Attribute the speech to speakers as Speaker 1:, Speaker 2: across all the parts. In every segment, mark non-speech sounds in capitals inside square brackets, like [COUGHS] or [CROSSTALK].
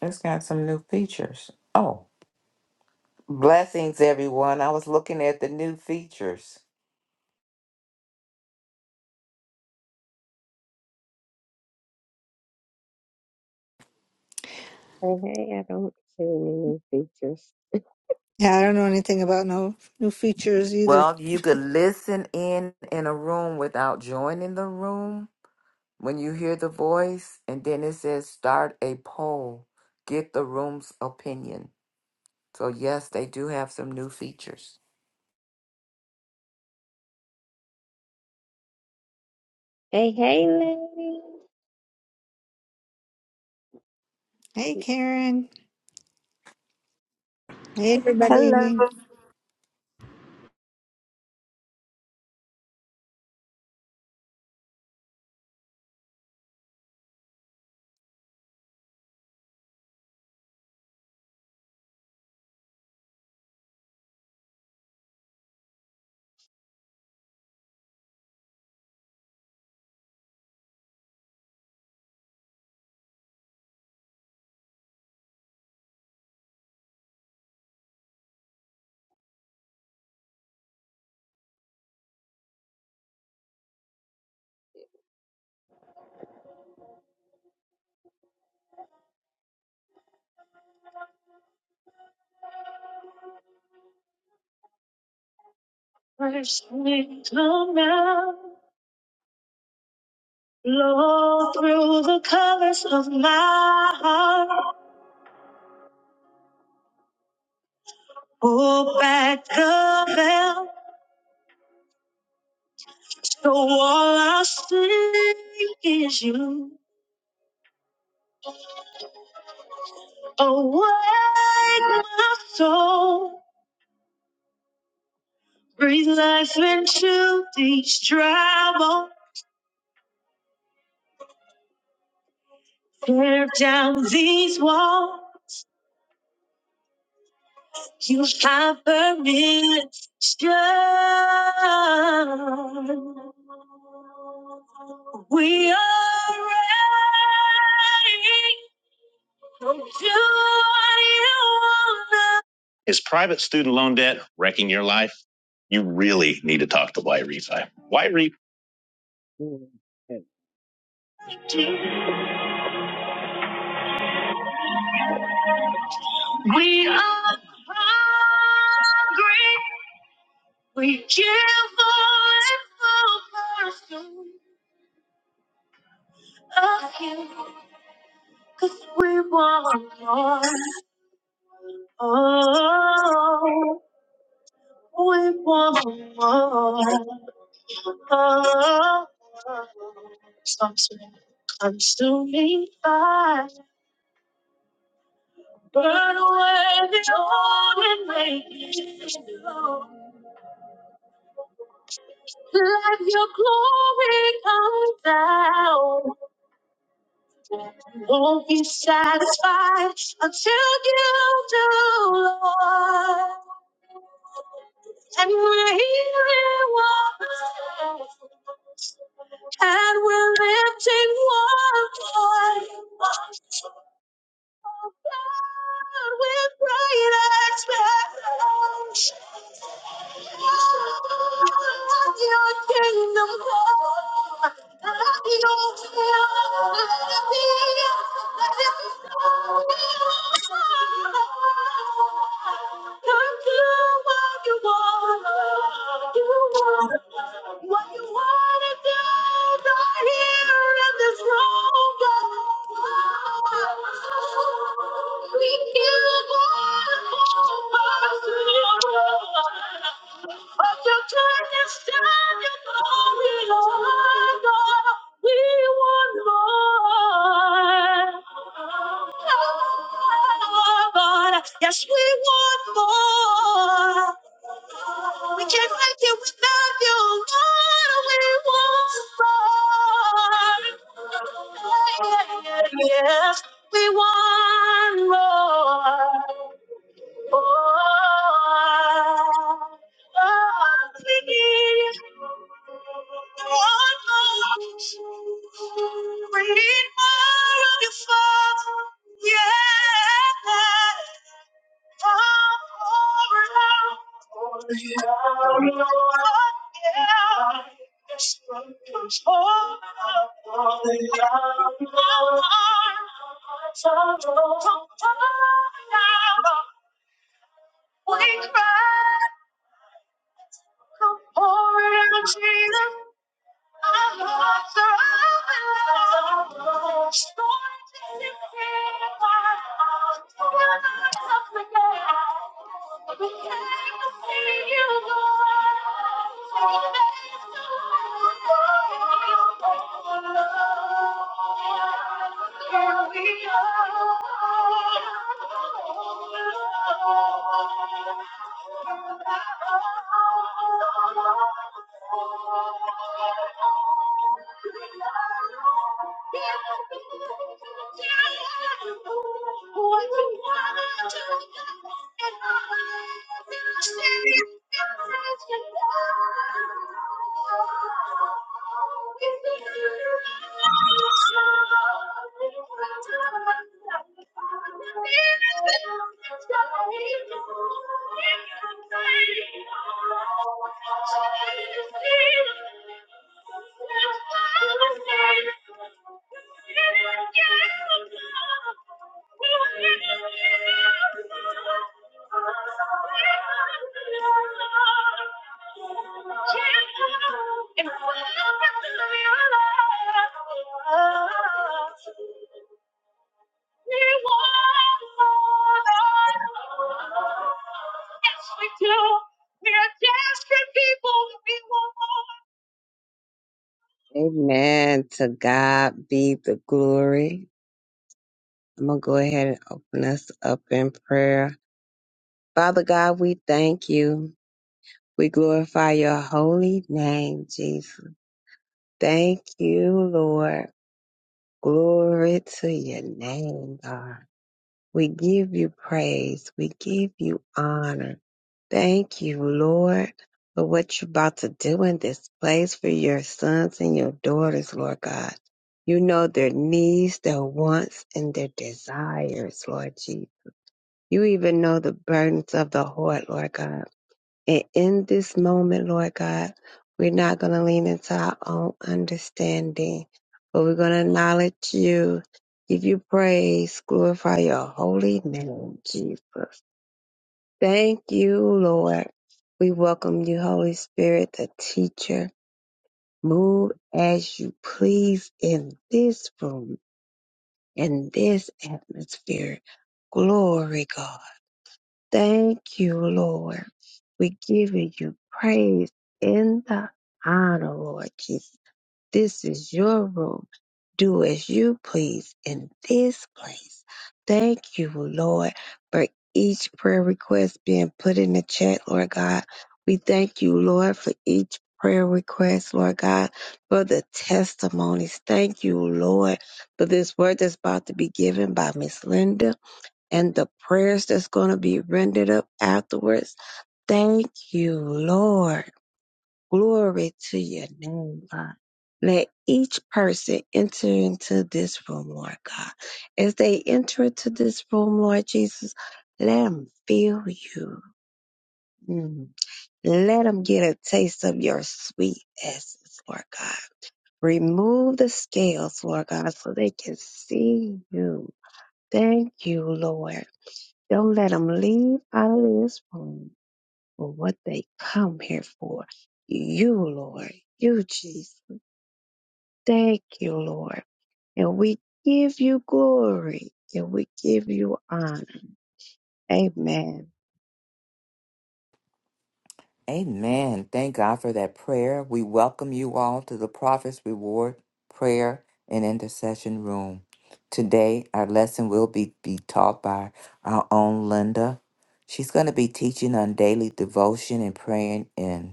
Speaker 1: It's got some new features. Oh, blessings, everyone. I was looking at the new features.
Speaker 2: Hey, hey, I don't see any new features.
Speaker 3: Yeah, I don't know anything about no new features either.
Speaker 1: Well, you could listen in in a room without joining the room when you hear the voice, and then it says start a poll, get the room's opinion. So, yes, they do have some new features.
Speaker 2: Hey, hey, lady.
Speaker 3: Hey, Karen. Hey,
Speaker 4: Hello.
Speaker 3: everybody.
Speaker 2: Mercy, come now. Blow through the colors of my heart. Pull back the veil. So all I see is you. Awake my soul. Breathe life into these dry bones. Tear down these walls. You have permission. We are ready to do what you want. Is private student loan debt wrecking your life? You really need to talk to Y Refi. Y Refi. We are hungry. We give all it's over. Cause we want more. Oh, we want more. Oh, stop singing. Consuming fire, burn away the old and make it new. Let your glory come down. Won't be satisfied until you do, Lord. And we're healing waters, and we're lifting one voice. Oh with great expectation, let your kingdom come. Let your will be Let your be Come do what you wanna do. What you wanna do, right here in this room, God. Yes, we want more. We can't make it without you. Lord, we want more. yes. We want more. Oh, oh, oh, please. I want more. We need more of your fire. Yeah. We cry, come forward, Jesus. Our hearts are open wide. Stories to be told. We're not together. But I can see you goin' to the end. Here we are. Here we are. If we Yes, we do. We are desperate people. We want. Amen. To God be the glory. I'm going to go ahead and open us up in prayer. Father God, we thank you. We glorify your holy name, Jesus. Thank you, Lord. Glory to your name, God. We give you praise. We give you honor. Thank you, Lord, for what you're about to do in this place for your sons and your daughters, Lord God. You know their needs, their wants, and their desires, Lord Jesus. You even know the burdens of the heart, Lord God. And in this moment, Lord God, we're not going to lean into our own understanding, but we're going to acknowledge you, give you praise, glorify your holy name, Jesus. Thank you, Lord. We welcome you, Holy Spirit, the teacher. Move as you please in this room, in this atmosphere. Glory, God. Thank you, Lord. We give you praise in the honor, Lord Jesus. This is your room. Do as you please in this place. Thank you, Lord, for each prayer request being put in the chat, Lord God. We thank you, Lord, for each prayer request, Lord God, for the testimonies. Thank you, Lord, for this word that's about to be given by Miss Linda and the prayers that's going to be rendered up afterwards. Thank you, Lord. Glory to your name, God. Let each person enter into this room, Lord God. As they enter into this room, Lord Jesus, let them feel you. Mm. Let them get a taste of your sweet essence, Lord God. Remove the scales, Lord God, so they can see you. Thank you, Lord. Don't let them leave out of this room for what they come here for. You, Lord. You, Jesus. Thank you, Lord. And we give you glory and we give you honor. Amen.
Speaker 1: Amen. Thank God for that prayer. We welcome you all to the Prophet's Reward Prayer and Intercession Room. Today, our lesson will be, be taught by our own Linda. She's going to be teaching on daily devotion and praying in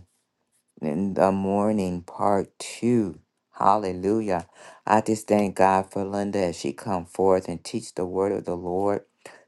Speaker 1: in the morning, part two. Hallelujah. I just thank God for Linda as she come forth and teach the word of the Lord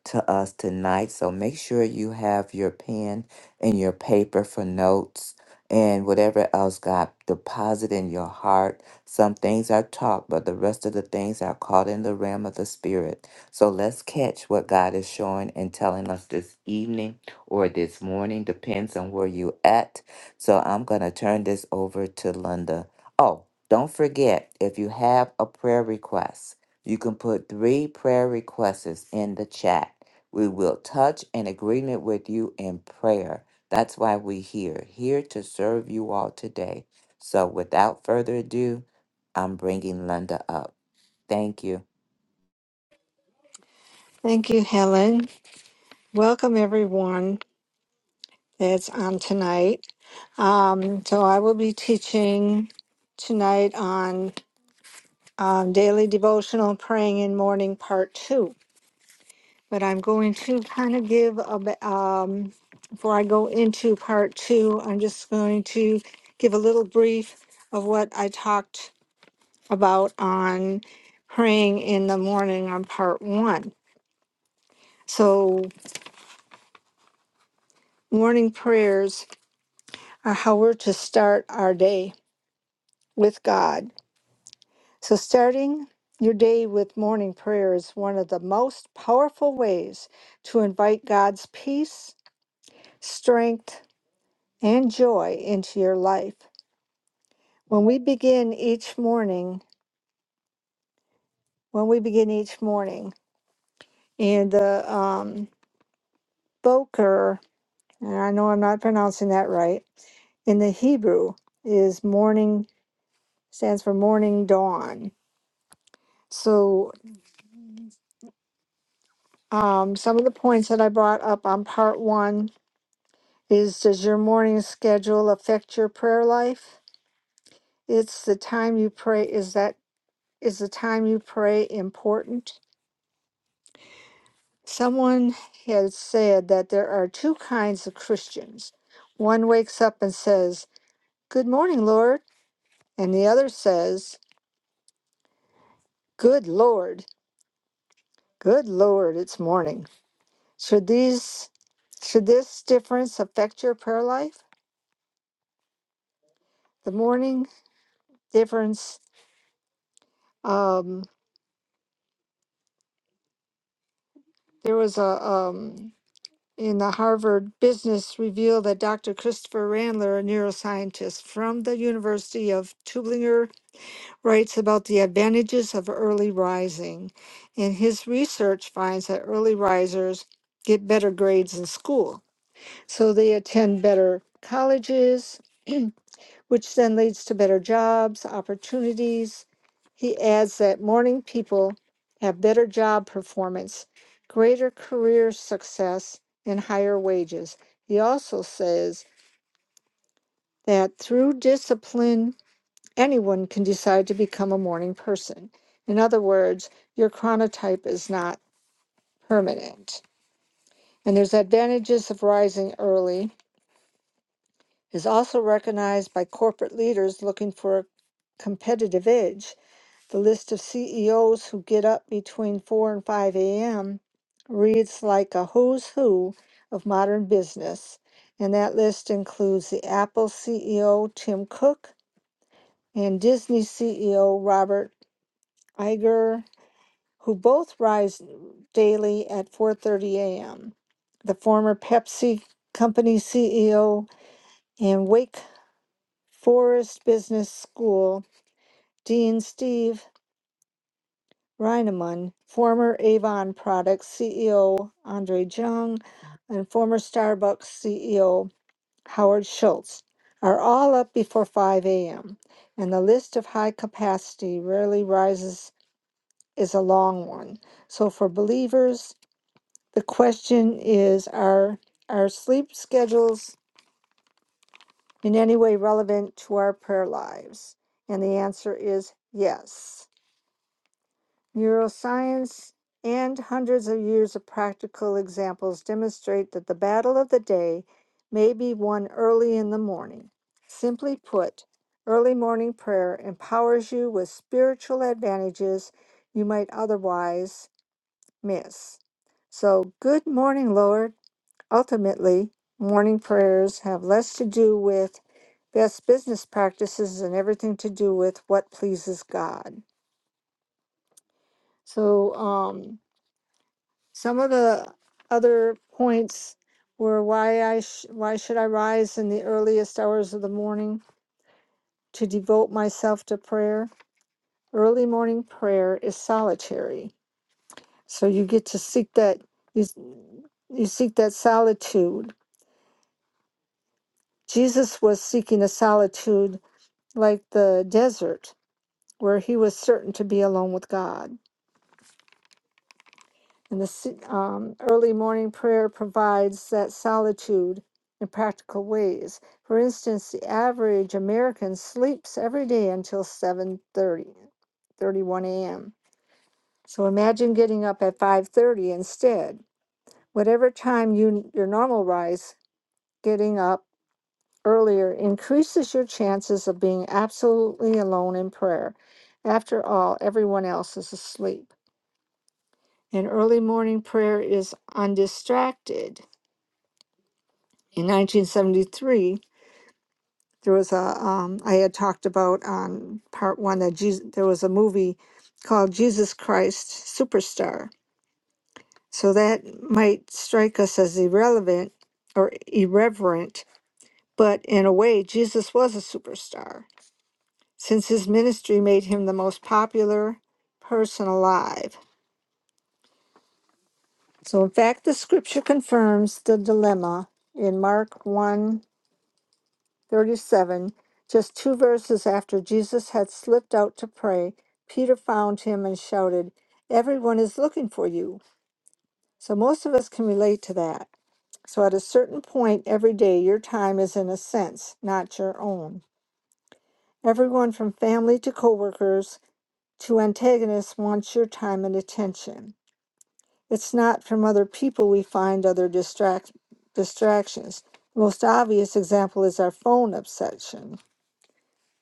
Speaker 1: to us tonight. So make sure you have your pen and your paper for notes and whatever else God deposit in your heart. Some things are taught, but the rest of the things are caught in the realm of the spirit. So let's catch what God is showing and telling us this evening or this morning, depends on where you at so I'm going to turn this over to Linda. Oh, don't forget if you have a prayer request, you can put three prayer requests in the chat. We will touch in agreement with you in prayer. That's why we're here, here to serve you all today. So without further ado, I'm bringing Linda up. Thank you.
Speaker 3: Thank you, Helen. Welcome, everyone that's on tonight. Um, so, I will be teaching tonight on um, daily devotional praying in morning part two. But I'm going to kind of give a bit, um, before I go into part two, I'm just going to give a little brief of what I talked about on praying in the morning on part one. So, morning prayers are how we're to start our day with God. So, starting your day with morning prayer is one of the most powerful ways to invite God's peace, strength, and joy into your life. When we begin each morning, when we begin each morning, and the um, Boker, and I know I'm not pronouncing that right, in the Hebrew is morning stands for morning dawn. So um, some of the points that I brought up on part one is does your morning schedule affect your prayer life? It's the time you pray. Is that is the time you pray important? Someone has said that there are two kinds of Christians. One wakes up and says, "Good morning, Lord," and the other says, "Good Lord, good Lord, it's morning." Should these should this difference affect your prayer life? The morning difference. Um, there was a um, in the Harvard Business Review that Dr. Christopher Randler, a neuroscientist from the University of Tübingen, writes about the advantages of early rising, and his research finds that early risers get better grades in school, so they attend better colleges which then leads to better jobs, opportunities. He adds that morning people have better job performance, greater career success, and higher wages. He also says that through discipline, anyone can decide to become a morning person. In other words, your chronotype is not permanent. And there's advantages of rising early is also recognized by corporate leaders looking for a competitive edge The list of CEOs who get up between 4 and 5 a.m. reads like a who's who of modern business, and that list includes the Apple CEO Tim Cook and Disney CEO Robert Iger, who both rise daily at 4:30 a.m. The former Pepsi company CEO and Wake Forest Business School Dean Steve Reinemann, former Avon Products CEO Andre Jung, and former Starbucks CEO Howard Schultz are all up before 5 a.m. And the list of high capacity rarely rises is a long one. So for believers, the question is are our sleep schedules in any way relevant to our prayer lives? And the answer is yes. Neuroscience and hundreds of years of practical examples demonstrate that the battle of the day may be won early in the morning. Simply put, early morning prayer empowers you with spiritual advantages you might otherwise miss. So, good morning, Lord. Ultimately, morning prayers have less to do with best business practices and everything to do with what pleases God. So, um, Some of the other points were why I sh- why should I rise in the earliest hours of the morning to devote myself to prayer? Early morning prayer is solitary, so you get to seek that you, you seek that solitude. Jesus was seeking a solitude like the desert, where he was certain to be alone with God. And the s- um, early morning prayer provides that solitude in practical ways. For instance, the average American sleeps every day until 7:30, 31 a.m. So imagine getting up at 5:30 instead. Whatever time you your normal rise, getting up earlier increases your chances of being absolutely alone in prayer. After all, everyone else is asleep. And early morning prayer is undistracted In 1973, there was a, um, I had talked about on part one that Jesus, there was a movie called Jesus Christ Superstar. So that might strike us as irrelevant or irreverent, but in a way, Jesus was a superstar since his ministry made him the most popular person alive. So, in fact, the scripture confirms the dilemma in Mark 1 37, just two verses after Jesus had slipped out to pray, Peter found him and shouted, Everyone is looking for you. So most of us can relate to that. So at a certain point every day, your time is in a sense not your own. Everyone from family to coworkers to antagonists wants your time and attention. It's not from other people we find other distract- distractions. The most obvious example is our phone obsession.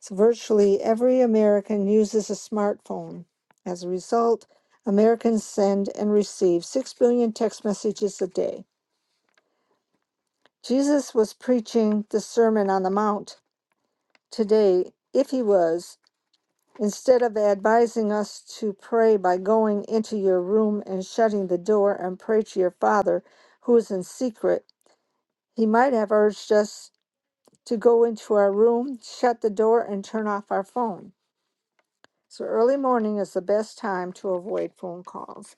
Speaker 3: So virtually every American uses a smartphone. As a result, Americans send and receive 6 billion text messages a day. Jesus was preaching the Sermon on the Mount today, if he was, instead of advising us to pray by going into your room and shutting the door and pray to your Father who is in secret, he might have urged us to go into our room, shut the door, and turn off our phone. So early morning is the best time to avoid phone calls.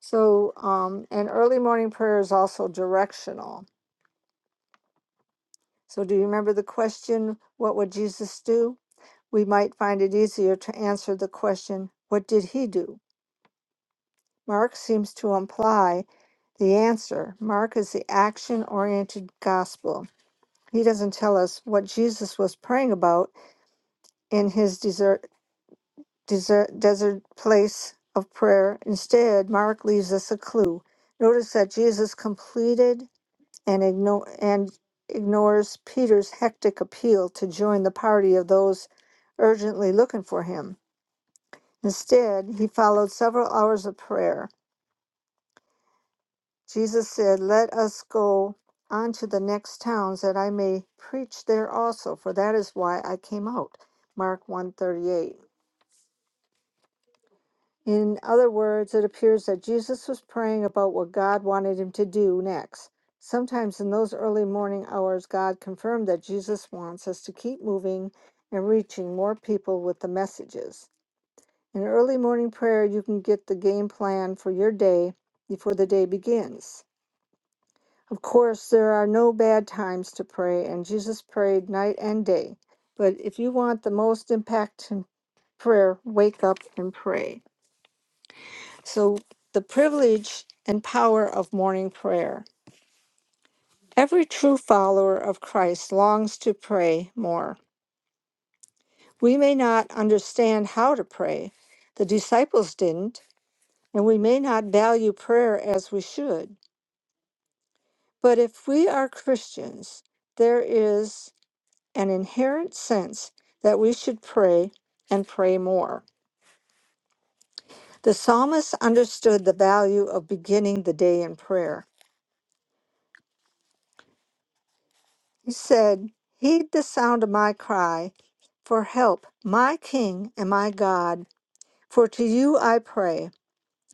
Speaker 3: So, um, and early morning prayer is also directional. So, do you remember the question, What would Jesus do? We might find it easier to answer the question, What did he do? Mark seems to imply the answer. Mark is the action oriented gospel. He doesn't tell us what Jesus was praying about in his desert, desert place of prayer. Instead, Mark leaves us a clue. Notice that Jesus completed and, igno- and ignores Peter's hectic appeal to join the party of those urgently looking for him. Instead, he followed several hours of prayer. Jesus said, Let us go on to the next towns that I may preach there also, for that is why I came out. Mark 138. In other words, it appears that Jesus was praying about what God wanted him to do next. Sometimes in those early morning hours, God confirmed that Jesus wants us to keep moving and reaching more people with the messages. In early morning prayer, you can get the game plan for your day before the day begins. Of course, there are no bad times to pray, and Jesus prayed night and day. But if you want the most impact in prayer, wake up and pray. So, the privilege and power of morning prayer. Every true follower of Christ longs to pray more. We may not understand how to pray. The disciples didn't, and we may not value prayer as we should. But if we are Christians, there is an inherent sense that we should pray and pray more. The psalmist understood the value of beginning the day in prayer. He said, Heed the sound of my cry for help, my King and my God, for to you I pray.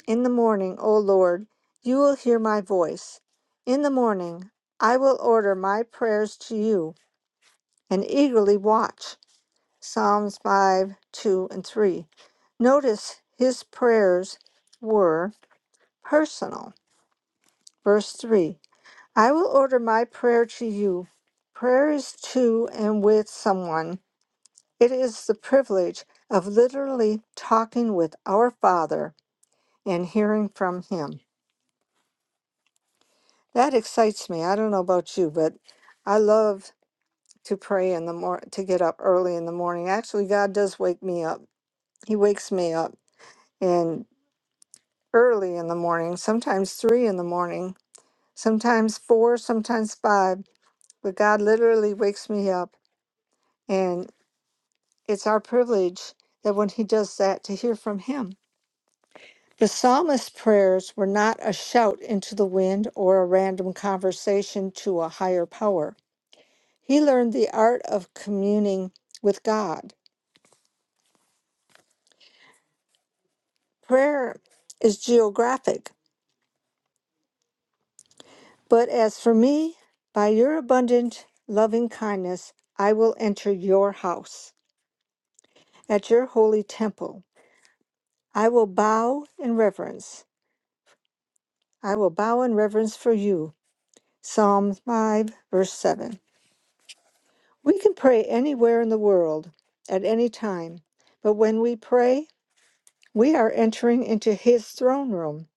Speaker 3: In the morning, O Lord, you will hear my voice. In the morning, I will order my prayers to you and eagerly watch. Psalms 5 2 and 3. Notice his prayers were personal. Verse 3 I will order my prayer to you. Prayer is to and with someone. It is the privilege of literally talking with our Father and hearing from Him. That excites me. I don't know about you, but I love to pray in the mor to get up early in the morning. Actually, God does wake me up. He wakes me up and early in the morning, sometimes three in the morning, sometimes four, sometimes five. But God literally wakes me up, and it's our privilege that when He does that to hear from Him. The psalmist's prayers were not a shout into the wind or a random conversation to a higher power. He learned the art of communing with God. Prayer is geographic, but as for me, by your abundant loving kindness, I will enter your house at your holy temple. I will bow in reverence. I will bow in reverence for you. Psalm 5, verse 7. We can pray anywhere in the world at any time, but when we pray, we are entering into His throne room.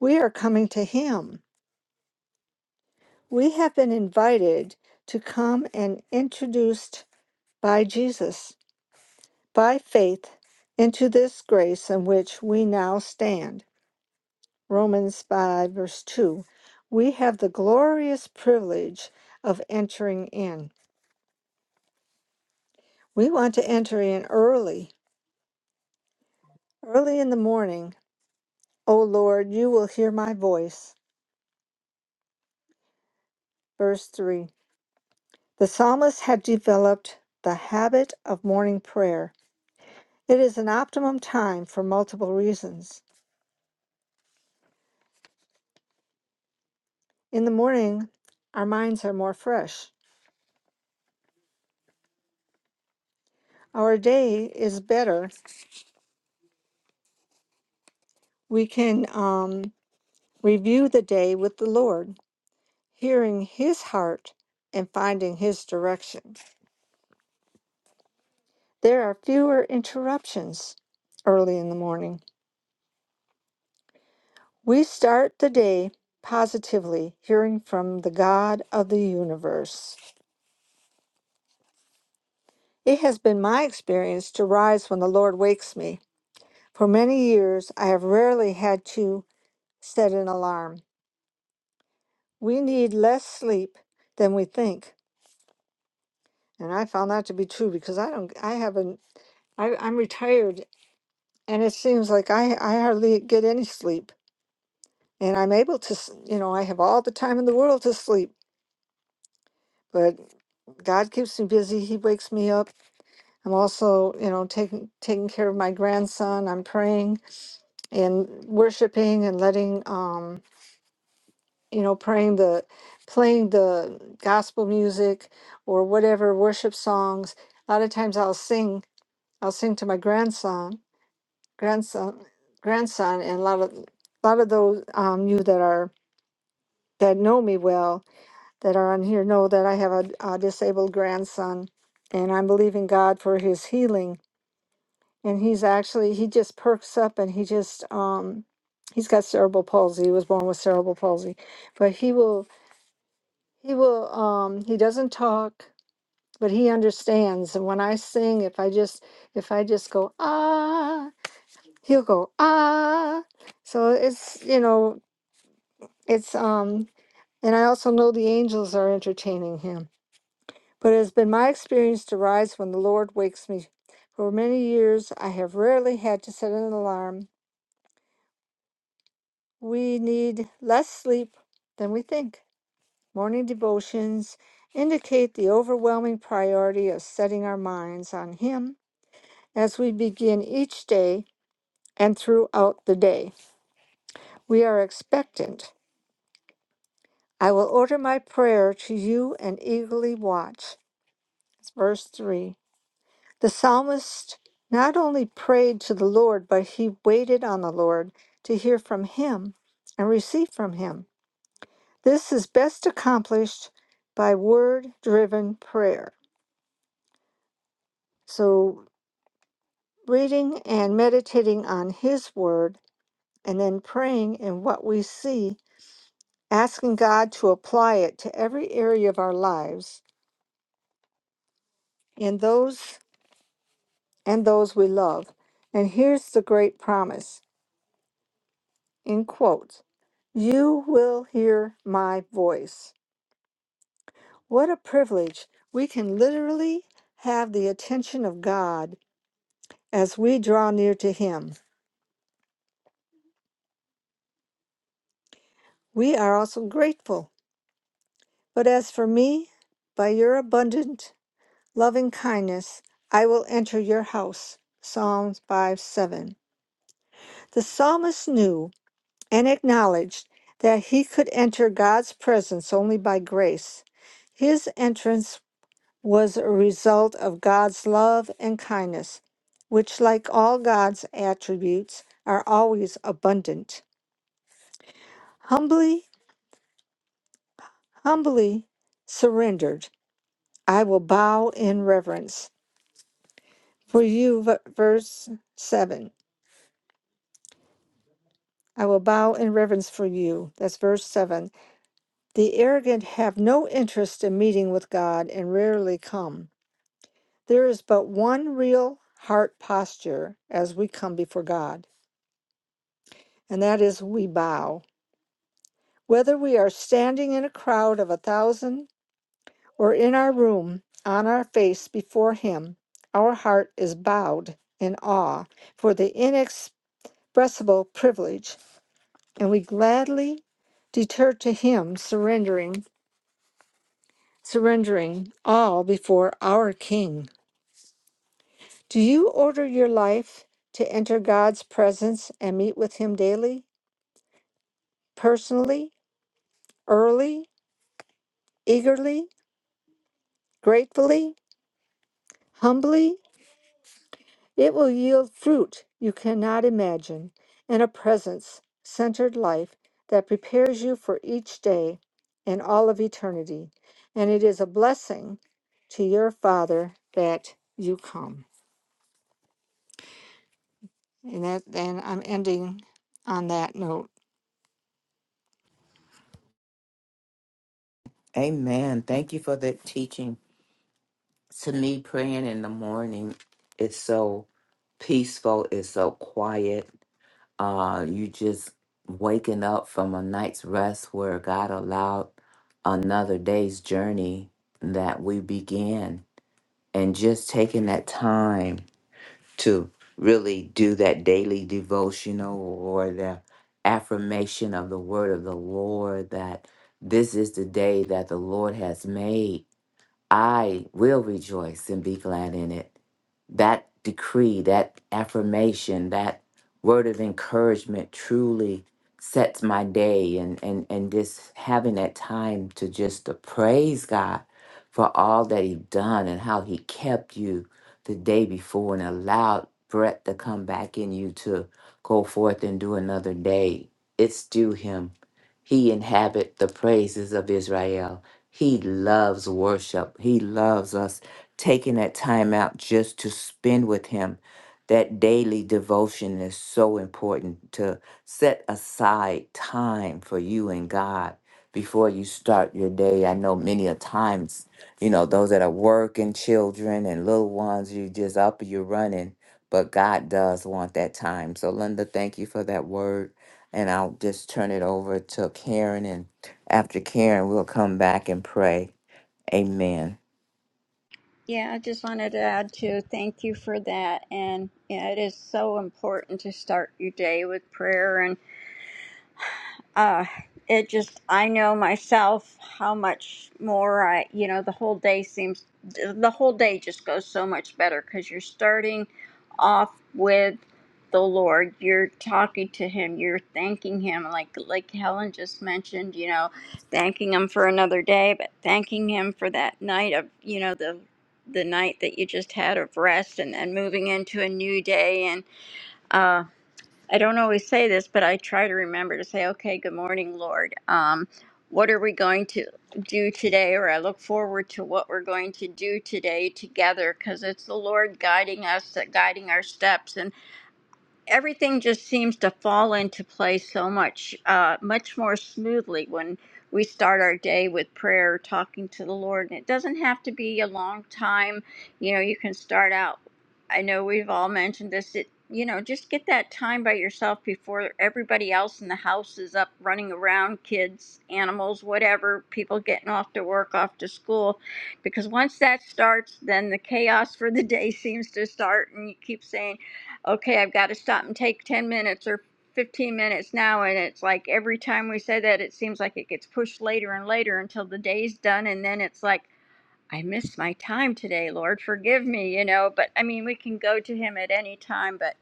Speaker 3: We are coming to Him. We have been invited to come and introduced by Jesus by faith into this grace in which we now stand. Romans 5, verse 2. We have the glorious privilege of entering in. We want to enter in early, early in the morning O Lord, you will hear my voice. Verse 3. The psalmist had developed the habit of morning prayer. It is an optimum time for multiple reasons. In the morning, our minds are more fresh. Our day is better. We can um, review the day with the Lord, hearing His heart and finding His direction. There are fewer interruptions early in the morning. We start the day positively, hearing from the God of the universe. It has been my experience to rise when the Lord wakes me. For many years, I have rarely had to set an alarm. We need less sleep than we think, and I found that to be true because I don't. I haven't. I, I'm retired, and it seems like I I hardly get any sleep, and I'm able to. s- You know, I have all the time in the world to sleep, but God keeps me busy. He wakes me up I'm also, you know, taking taking care of my grandson. I'm praying and worshiping and letting, um, you know, praying the, playing the gospel music or whatever worship songs. A lot of times I'll sing, I'll sing to my grandson, grandson, grandson, and a lot of, a lot of those um, you that are that know me well that are on here know that I have a, a disabled grandson, and I'm believing God for his healing and he's actually he just perks up and he just um he's got cerebral palsy he was born with cerebral palsy but he will he will um he doesn't talk but he understands and when i sing if i just if i just go ah he'll go ah so it's you know it's um and i also know the angels are entertaining him but it has been my experience to rise when the lord wakes me for many years i have rarely had to set an alarm we need less sleep than we think. Morning devotions indicate the overwhelming priority of setting our minds on Him as we begin each day and throughout the day. We are expectant. I will order my prayer to you and eagerly watch. It's verse 3. The psalmist not only prayed to the Lord, but he waited on the Lord to hear from Him and receive from Him. This is best accomplished by word driven prayer. So, reading and meditating on His word, and then praying in what we see, asking God to apply it to every area of our lives in those and those we love. And here's the great promise in quotes You will hear my voice. What a privilege! We can literally have the attention of God as we draw near to Him. We are also grateful. But as for me, by your abundant loving kindness, I will enter your house. Psalms 5 7. The psalmist knew and acknowledged that he could enter God's presence only by grace. His entrance was a result of God's love and kindness, which, like all God's attributes, are always abundant. Humbly, humbly surrendered. I will bow in reverence for you. v- Verse 7. I will bow in reverence for you. That's verse 7. The arrogant have no interest in meeting with God and rarely come. There is but one real heart posture as we come before God, and that is we bow. Whether we are standing in a crowd of a thousand or in our room on our face before Him, our heart is bowed in awe for the inex. expressible privilege, and we gladly deter to him surrendering surrendering all before our king. Do you order your life to enter God's presence and meet with him daily, personally, early, eagerly, gratefully, humbly? It will yield fruit you cannot imagine and a presence centered life that prepares you for each day and all of eternity. And it is a blessing to your Father that you come. And that and I'm ending on that note.
Speaker 1: Amen. Thank you for the teaching. To me, praying in the morning is so peaceful, it's so quiet uh, you just waking up from a night's rest where God allowed another day's journey that we began, and just taking that time to really do that daily devotional or the affirmation of the word of the Lord that this is the day that the Lord has made I will rejoice and be glad in it. That decree, that affirmation, that word of encouragement truly sets my day and and and just having that time to just to praise God for all that he done and how he kept you the day before and allowed breath to come back in you to go forth and do another day. It's due him. He inhabit the praises of Israel. He loves worship. He loves us taking that time out just to spend with Him. That daily devotion is so important to set aside time for you and God before you start your day. I know many a times, you know, those that are working, children and little ones, you just up, you're running, but God does want that time. So, Linda, thank you for that word. And I'll just turn it over to Karen and after Karen, we'll come back and pray. Amen.
Speaker 4: Yeah, I just wanted to add to thank you for that. And yeah, it is so important to start your day with prayer. uh it just i know myself how much more i you know the whole day seems the whole day just goes so much better because you're starting off with the lord you're talking to him you're thanking him like like helen just mentioned you know thanking him for another day but thanking him for that night of you know the the night that you just had of rest and then moving into a new day and uh, I don't always say this, but I try to remember to say, okay, good morning, Lord. Um, what are we going to do today? Or I look forward to what we're going to do today together because it's the Lord guiding us, guiding our steps. and everything just seems to fall into place so much, uh, much more smoothly when we start our day with prayer, talking to the Lord. And it doesn't have to be a long time. You know, you can start out. I know we've all mentioned this. It, you know, just get that time by yourself before everybody else in the house is up running around, kids, animals, whatever, people getting off to work, off to school. Because once that starts, then the chaos for the day [LAUGHS] seems to start, and you keep saying, okay, I've got to stop and take 10 minutes or 15 minutes now. And it's like every time we say that, it seems like it gets pushed later and later until the day's done. And then it's like, I missed my time today, Lord, forgive me, you know. But I mean, we can go to Him at any time, but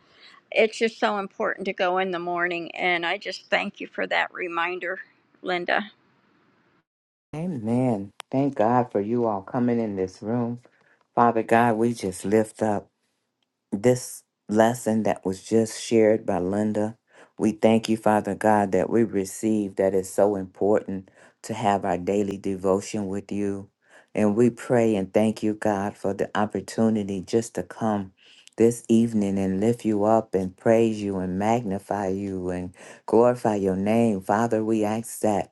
Speaker 4: it's just so important to go in the morning. And I just thank you for that reminder, Linda.
Speaker 1: Amen. Thank God for you all coming in this room. Father God, we just lift up. this lesson that was just shared by Linda. We thank you, Father God, that we receive that is so important to have our daily devotion with you. And we pray and thank you, God, for the opportunity just to come this evening and lift you up and praise you and magnify you and glorify your name. Father, we ask that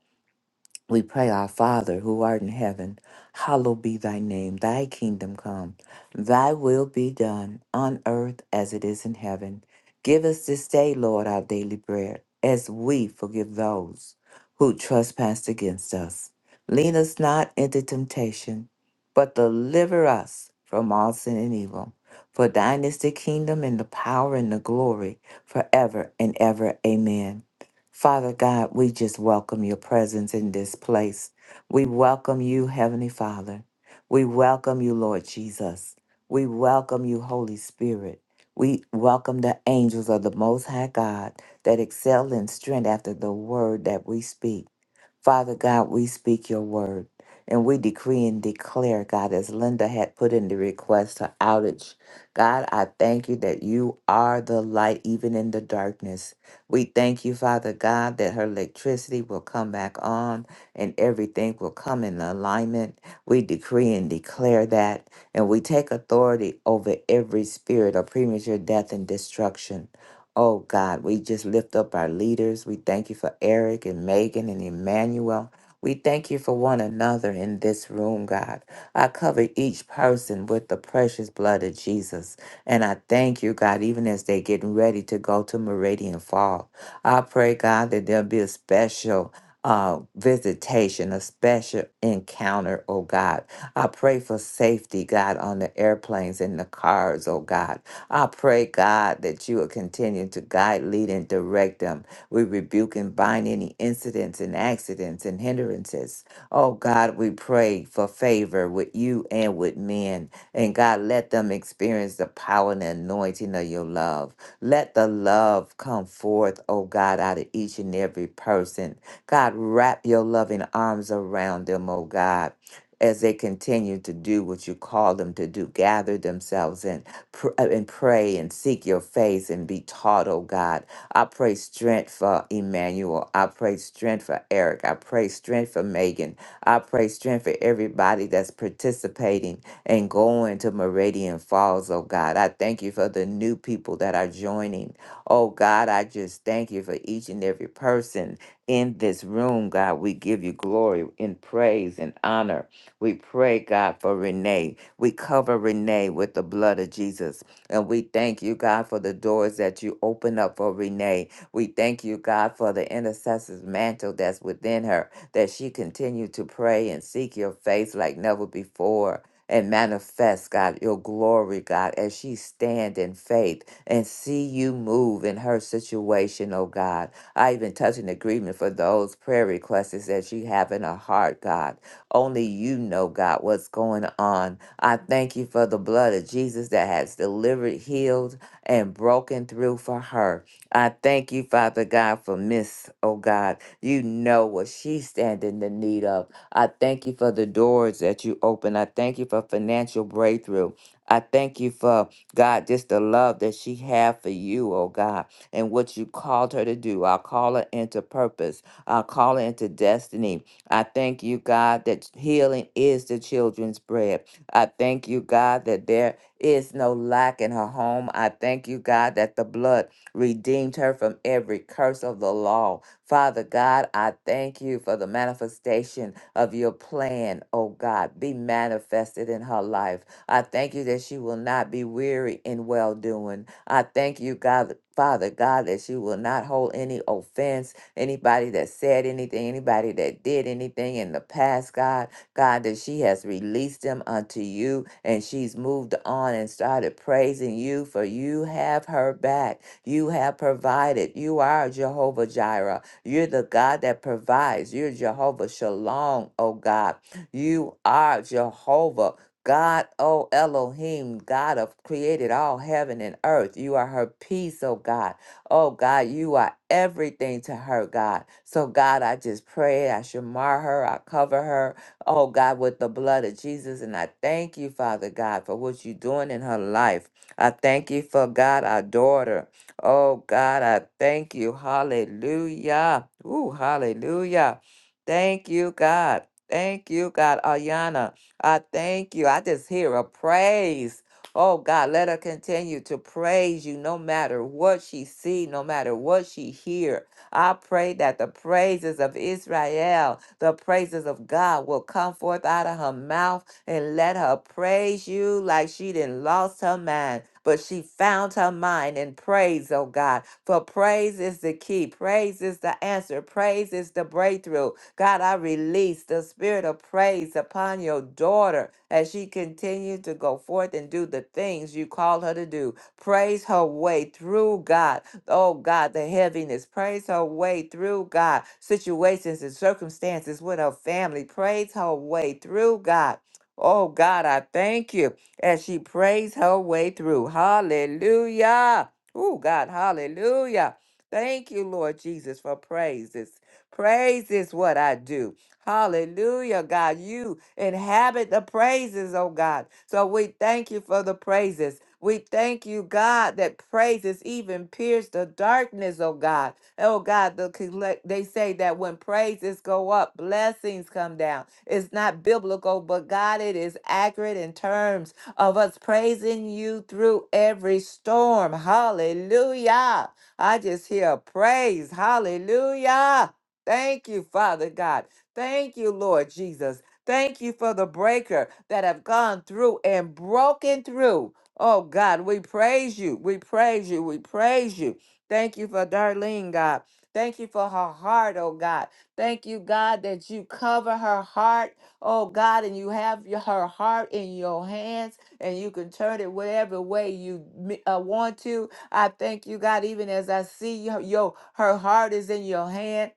Speaker 1: we pray, Our Father, who art in heaven, hallowed be thy name. Thy kingdom come, thy will be done on earth as it is in heaven. Give us this day, Lord, our daily bread, as we forgive those who trespass against us. Lead us not into temptation, but deliver us from all sin and evil. For thine is the kingdom and the power and the glory forever and ever. Amen. Father God, we just welcome your presence in this place. We welcome you, Heavenly Father. We welcome you, Lord Jesus. We welcome you, Holy Spirit. We welcome the angels of the Most High God that excel in strength after the word that we speak. Father God, we speak your word and we decree and declare, God, as Linda had put in the request, her outage. God, I thank you that you are the light even in the darkness. We thank you, Father God, that her electricity will come back on and everything will come in alignment. We decree and declare that, and we take authority over every spirit of premature death and destruction. Oh God, we just lift up our leaders. We thank you for Eric and Megan and Emmanuel. We thank you for one another in this room, God. I cover each person with the precious blood of Jesus. And I thank you, God, even as they're getting ready to go to Meridian Fall. I pray, God, that there'll be a special uh, visitation, a special encounter, oh God. I pray for safety, God, on the airplanes and the cars, oh God. I pray, God, that you will continue to guide, lead, and direct them. We rebuke and bind any incidents and accidents and hindrances. Oh God, we pray for favor with you and with men. And God, let them experience the power and anointing of your love. Let the love come forth, oh God, out of each and every person. God, wrap your loving arms around them, oh God as they continue to do what you call them to do gather themselves and pr- uh, and pray and seek your face and be taught oh god i pray strength for emmanuel i pray strength for eric i pray strength for megan i pray strength for everybody that's participating and going to meridian falls oh god i thank you for the new people that are joining oh god i just thank you for each and every person in this room god we give you glory and praise and honor we pray, God, for Renee. We cover Renee with the blood of Jesus. And we thank you, God, for the doors that you open up for Renee. We thank you, God, for the intercessor's mantle that's within her, that she continue to pray and seek your face like never before. And manifest, God, your glory, God, as she stand in faith and see you move in her situation, oh God. I even touch an agreement for those prayer requests that you have in her heart, God. Only you know, God, what's going on. I thank you for the blood of Jesus that has delivered, healed, and broken through for her. I thank you, Father God, for Miss, oh God. You know what she's standing in need of. I thank you for the doors that you open. I thank you for financial breakthrough. I thank you for God, just the love that she had for you, oh God, and what you called her to do. I'll call her into purpose. I'll call her into destiny. I thank you, God, that healing is the children's bread. I thank you, God, that there is no lack in her home. I thank you, God, that the blood redeemed her from every curse of the law. Father God, I thank you for the manifestation of your plan, oh God, be manifested in her life. I thank you that she will not be weary in well doing. I thank you, God, Father God, that she will not hold any offense anybody that said anything, anybody that did anything in the past, God, God, that she has released them unto you and she's moved on and started praising you, for you have her back. You have provided. You are Jehovah Jireh. You're the God that provides. You're Jehovah Shalom, oh God. You are Jehovah. God, oh Elohim, God of created all heaven and earth. You are her peace, oh God. Oh God, you are everything to her, God. So God, I just pray I should mar her, I cover her, oh God, with the blood of Jesus. And I thank you, Father God, for what you're doing in her life. I thank you for God, our daughter. Oh God, I thank you. Hallelujah. Ooh, hallelujah. Thank you, God. Thank you, God. Ayana, I thank you. I just hear a praise. Oh God, let her continue to praise you no matter what she see, no matter what she hear. I pray that the praises of Israel, the praises of God will come forth out of her mouth and let her praise you like she didn't lost her mind, but she found her mind in praise, oh God. For praise is the key, praise is the answer, praise is the breakthrough. God, I release the spirit of praise upon your daughter as she continues to go forth and do the things you call her to do. Praise her way through God. Oh God, the heaviness. Praise her way through God. Situations and circumstances with her family. Praise her way through God Oh God, I thank you as she prays her way through. Hallelujah. Oh God, hallelujah. Thank you, Lord Jesus, for praises. Praise is what I do. Hallelujah, God. You inhabit the praises, oh God. So we thank you for the praises. We thank you, God, that praises even pierce the darkness, oh God. Oh God, the collect, they say that when praises go up, blessings come down. It's not biblical, but God, it is accurate in terms of us praising you through every storm. Hallelujah. I just hear praise. Hallelujah. Thank you, Father God. Thank you, Lord Jesus. Thank you for the breaker that have gone through and broken through. Oh God, we praise you. We praise you. We praise you. Thank you for Darlene, God. Thank you for her heart, oh God. Thank you, God, that you cover her heart, oh God, and you have your- her heart in your hands and you can turn it whatever way you mi- uh, want to. I thank you, God, even as I see your, your her heart is in your hand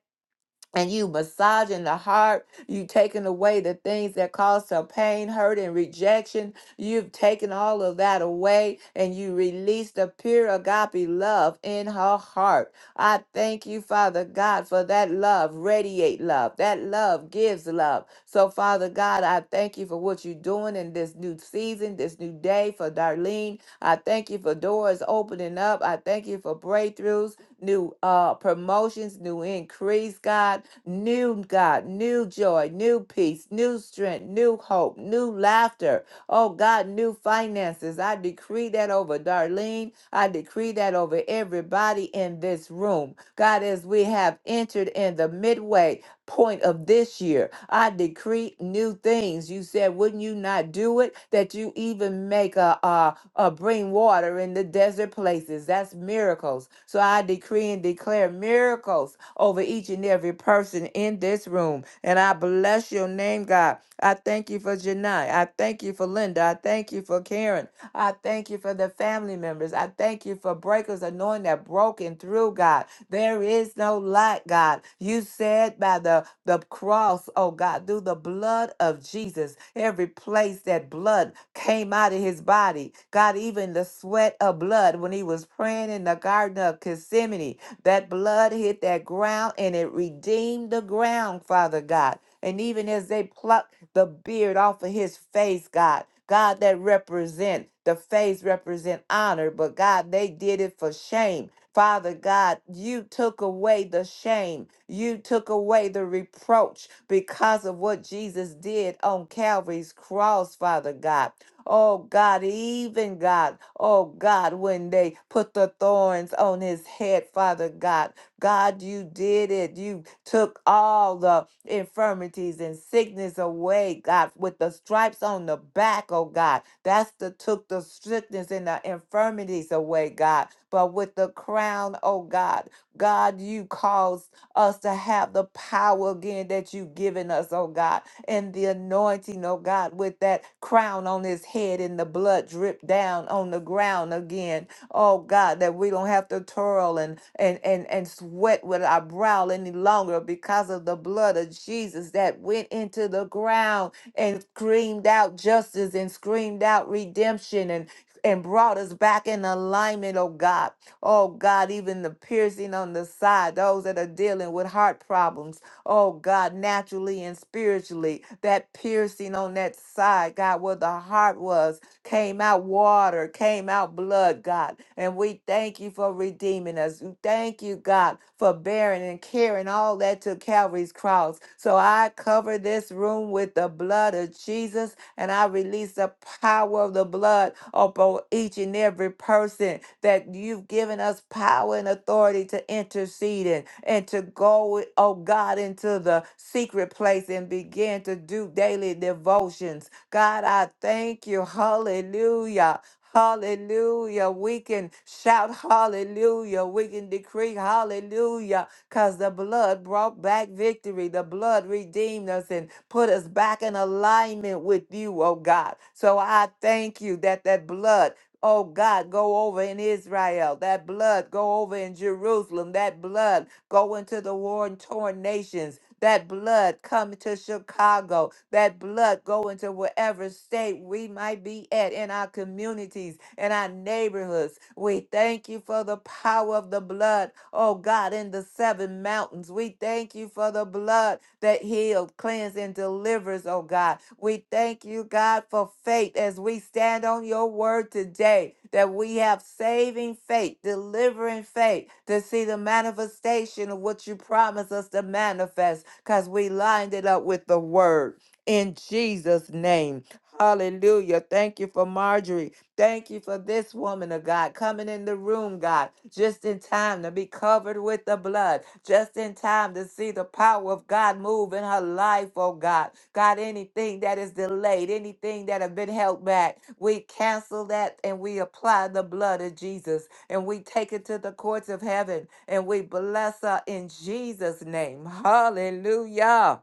Speaker 1: and you massaging the heart, you taking away the things that cause her pain, hurt, and rejection. You've taken all of that away and you release the pure agape love in her heart. I thank you, Father God, for that love. Radiate love. That love gives love. So, Father God, I thank you for what you're doing in this new season, this new day for Darlene. I thank you for doors opening up. I thank you for breakthroughs, new uh promotions, new increase, God new God, new joy, new peace, new strength, new hope, new laughter. Oh God, new finances. I decree that over Darlene. I decree that over everybody in this room. God, as we have entered in the midway point of this year. I decree new things. You said, wouldn't you not do it? That you even make a, a, a bring water in the desert places. That's miracles. So I decree and declare miracles over each and every person in this room. And I bless your name, God. I thank you for Janai. I thank you for Linda. I thank you for Karen. I thank you for the family members. I thank you for breakers anointing that broken through, God. There is no no lack, God. You said by the, the cross, oh God, through the blood of Jesus, every place that blood came out of his body, God, even the sweat of blood when he was praying in the Garden of Gethsemane, that blood hit that ground and it redeemed the ground, Father God. And even as they plucked the beard off of his face, God, God that represent the face represent honor, but God, they did it for shame Father God, you took away the shame. You took away the reproach because of what Jesus did on Calvary's cross, Father God. Oh God, even God, oh God, when they put the thorns on his head, Father God, God, you did it. You took all the infirmities and sickness away, God, with the stripes on the back, oh God. That's the took the sickness and the infirmities away, God. But with the crown, oh God, God, you caused us to have the power again that you've given us, oh God, and the anointing, oh God, with that crown on his head and the blood drip down on the ground again Oh God, that we don't have to toil and and and and sweat with our brow any longer because of the blood of Jesus that went into the ground and screamed out justice and screamed out redemption and and brought us back in alignment, oh God. Oh God, even the piercing on the side, those that are dealing with heart problems, oh God, naturally and spiritually, that piercing on that side, God, where the heart was, came out water, came out blood, God. And we thank you for redeeming us. We Thank you, God, for bearing and carrying all that to Calvary's cross. So I cover this room with the blood of Jesus and I release the power of the blood upon each and every person that you've given us power and authority to intercede in and to go, oh God, into the secret place and begin to do daily devotions God, I thank you. Hallelujah. Hallelujah. We can shout hallelujah. We can decree hallelujah because the blood brought back victory. The blood redeemed us and put us back in alignment with you, oh God. So I thank you that that blood. Oh God, go over in Israel. That blood go over in Jerusalem. That blood Go into the war and torn nations. That blood come to Chicago. That blood go into wherever state we might be at in our communities, in our neighborhoods. We thank you for the power of the blood. Oh God, in the seven mountains, we thank you for the blood that heals, cleanses, and delivers, oh God. We thank you, God, for faith as we stand on your word today that we have saving faith, delivering faith to see the manifestation of what you promised us to manifest because we lined it up with the word in Jesus' name. Hallelujah. Thank you for Marjorie. Thank you for this woman of God coming in the room, God, just in time to be covered with the blood, just in time to see the power of God move in her life, oh God. God, anything that is delayed, anything that have been held back, we cancel that and we apply the blood of Jesus and we take it to the courts of heaven and we bless her in Jesus' name. Hallelujah.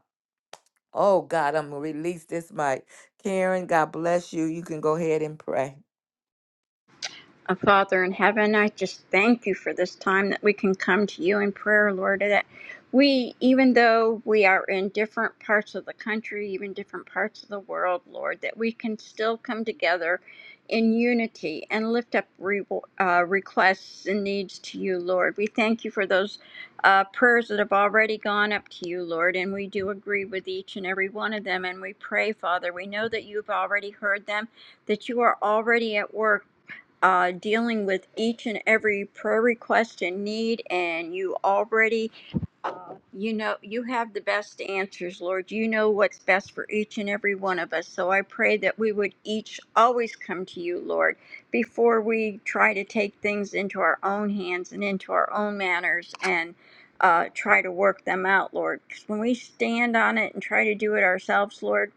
Speaker 1: Oh God, I'm gonna release this mic. Karen, God bless you. You can go ahead and pray.
Speaker 4: Uh, Father in heaven, I just thank you for this time that we can come to you in prayer, Lord. That we, even though we are in different parts of the country, even different parts of the world, Lord, that we can still come together in unity and lift up re- uh, requests and needs to you, Lord. We thank you for those uh, prayers that have already gone up to you, Lord, and we do agree with each and every one of them. And we pray, Father, we know that you've already heard them that you are already at work uh, dealing with each and every prayer request and need, and you already uh, You know, you have the best answers, Lord. You know what's best for each and every one of us. So I pray that we would each always come to you, Lord, before we try to take things into our own hands and into our own manners and uh, try to work them out, Lord. Because when we stand on it and try to do it ourselves, Lord,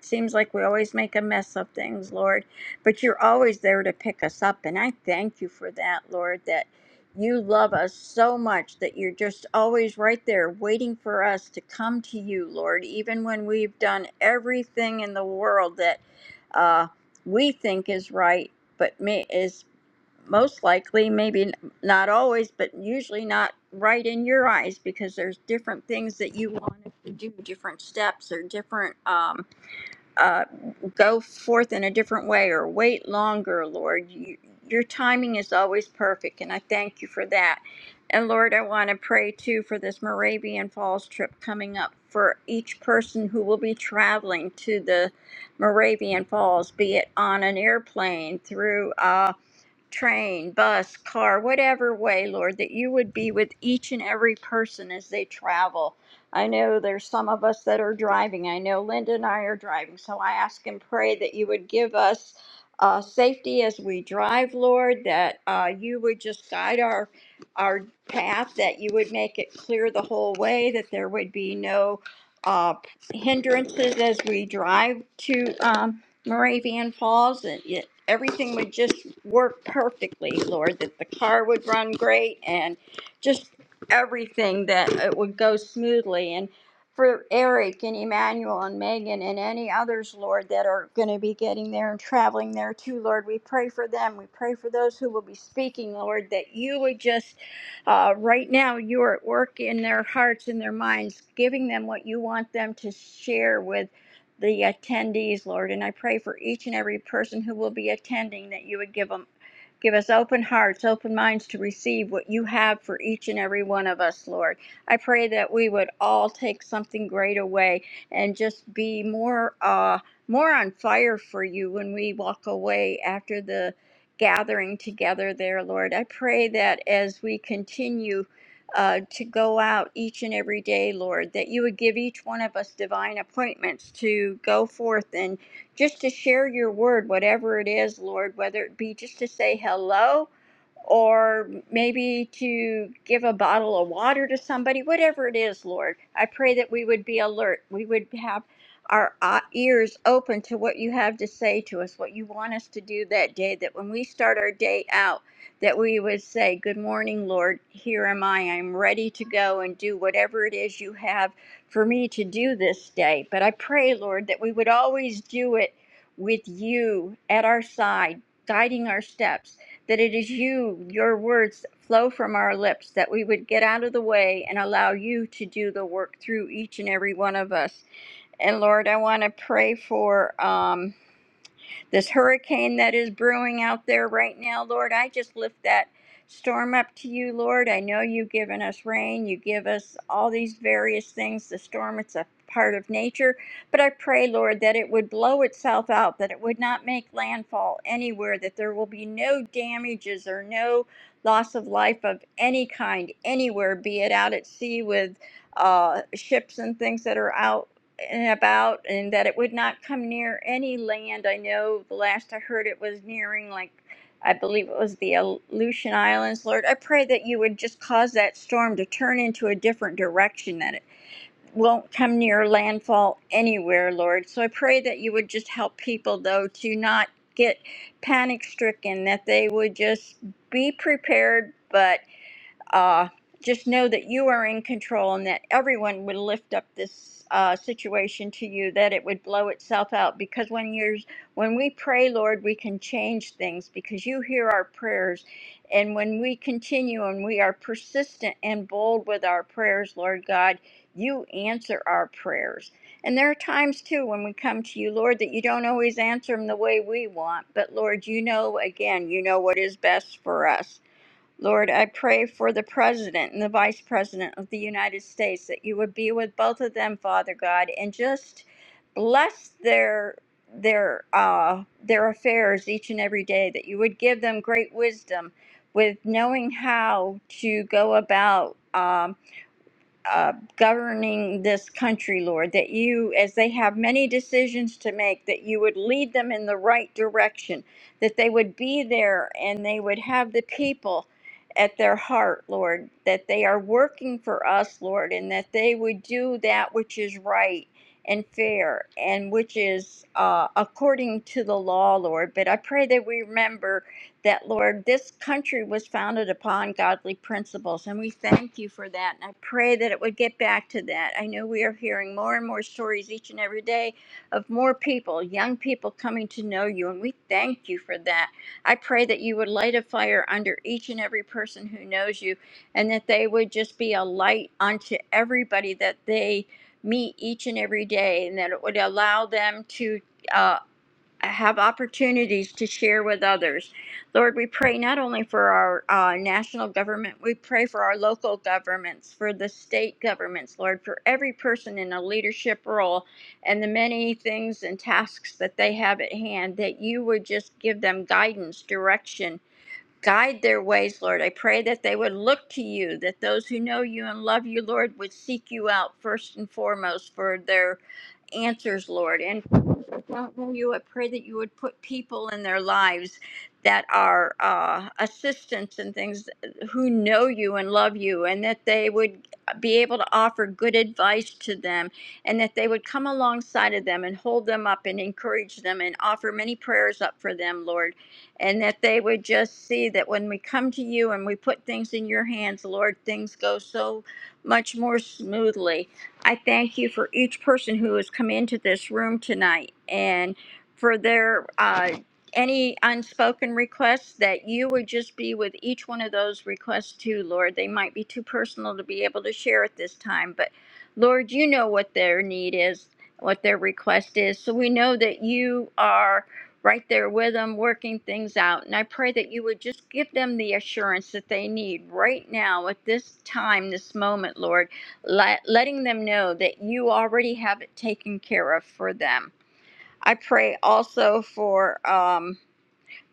Speaker 4: seems like we always make a mess of things, Lord. But you're always there to pick us up. And I thank you for that, Lord, That. You love us so much that you're just always right there waiting for us to come to you, Lord, even when we've done everything in the world that uh, we think is right, but may, is most likely, maybe n- not always, but usually not right in your eyes because there's different things that you want us to do, different steps or different. um, uh, go forth in a different way or wait longer, Lord. You, your timing is always perfect, and I thank you for that. And Lord, I want to pray too for this Moravian Falls trip coming up for each person who will be traveling to the Moravian Falls, be it on an airplane, through uh, train, bus, car, whatever way, Lord, that you would be with each and every person as they travel. I know there's some of us that are driving. I know Linda and I are driving. So I ask and pray that you would give us uh, safety as we drive, Lord, that uh, you would just guide our our path, that you would make it clear the whole way, that there would be no uh, hindrances as we drive to. Um, Moravian Falls, and it, everything would just work perfectly, Lord. That the car would run great, and just everything that it would go smoothly. And for Eric and Emmanuel and Megan and any others, Lord, that are going to be getting there and traveling there too, Lord, we pray for them. We pray for those who will be speaking, Lord, that you would just, uh, right now, you are at work in their hearts and their minds, giving them what you want them to share with the attendees, Lord, and I pray for each and every person who will be attending that you would give them give us open hearts, open minds to receive what you have for each and every one of us, Lord. I pray that we would all take something great away and just be more uh more on fire for you when we walk away after the gathering together there, Lord. I pray that as we continue uh, to go out each and every day, Lord, that you would give each one of us divine appointments to go forth and just to share your word, whatever it is, Lord, whether it be just to say hello or maybe to give a bottle of water to somebody, whatever it is, Lord. I pray that we would be alert. We would have our uh, ears open to what you have to say to us, what you want us to do that day, that when we start our day out, that we would say, Good morning, Lord. Here am I. I'm ready to go and do whatever it is you have for me to do this day. But I pray, Lord, that we would always do it with you at our side, guiding our steps, that it is you, your words that flow from our lips, that we would get out of the way and allow you to do the work through each and every one of us. And Lord, I want to pray for. Um, this hurricane that is brewing out there right now, Lord, I just lift that storm up to you, Lord. I know you've given us rain, you give us all these various things. The storm, it's a part of nature. But I pray, Lord, that it would blow itself out, that it would not make landfall anywhere, that there will be no damages or no loss of life of any kind anywhere, be it out at sea with uh, ships and things that are out about and that it would not come near any land. I know the last I heard it was nearing, like, I believe it was the Aleutian Islands. Lord, I pray that you would just cause that storm to turn into a different direction, that it won't come near landfall anywhere, Lord. So I pray that you would just help people, though, to not get panic stricken, that they would just be prepared. but uh, just know that you are in control and that everyone would lift up this uh, situation to you that it would blow itself out because when you're when we pray lord we can change things because you hear our prayers and when we continue and we are persistent and bold with our prayers lord god you answer our prayers and there are times too when we come to you lord that you don't always answer them the way we want but lord you know again you know what is best for us Lord, I pray for the President and the Vice President of the United States that you would be with both of them, Father God, and just bless their their uh their affairs each and every day that you would give them great wisdom with knowing how to go about um, uh, governing this country, Lord, that you, as they have many decisions to make, that you would lead them in the right direction, that they would be there and they would have the people at their heart, Lord, that they are working for us, Lord, and that they would do that which is right and fair and which is uh, according to the law, Lord. But I pray that we remember that, Lord, this country was founded upon godly principles, and we thank you for that. And I pray that it would get back to that. I know we are hearing more and more stories each and every day of more people, young people coming to know you, and we thank you for that. I pray that you would light a fire under each and every person who knows you, and that they would just be a light unto everybody that they meet each and every day, and that it would allow them to. uh, have opportunities to share with others. Lord, we pray not only for our uh, national government, we pray for our local governments, for the state governments, Lord, for every person in a leadership role and the many things and tasks that they have at hand, that you would just give them guidance, direction. Guide their ways, Lord. I pray that they would look to you, that those who know you and love you, Lord, would seek you out first and foremost for their answers, Lord. And don't know you, I pray that you would put people in their lives that are uh, assistants and things who know you and love you, and that they would be able to offer good advice to them, and that they would come alongside of them and hold them up and encourage them and offer many prayers up for them, Lord. And that they would just see that when we come to you and we put things in your hands, Lord, things go so much more smoothly I thank you for each person who has come into this room tonight and for their uh, any unspoken requests that you would just be with each one of those requests too, Lord. They might be too personal to be able to share at this time, but Lord, you know what their need is, what their request is. So we know that you are right there with them working things out. And I pray that you would just give them the assurance that they need right now at this time, this moment, Lord let, letting them know that you already have it taken care of for them. I pray also for um,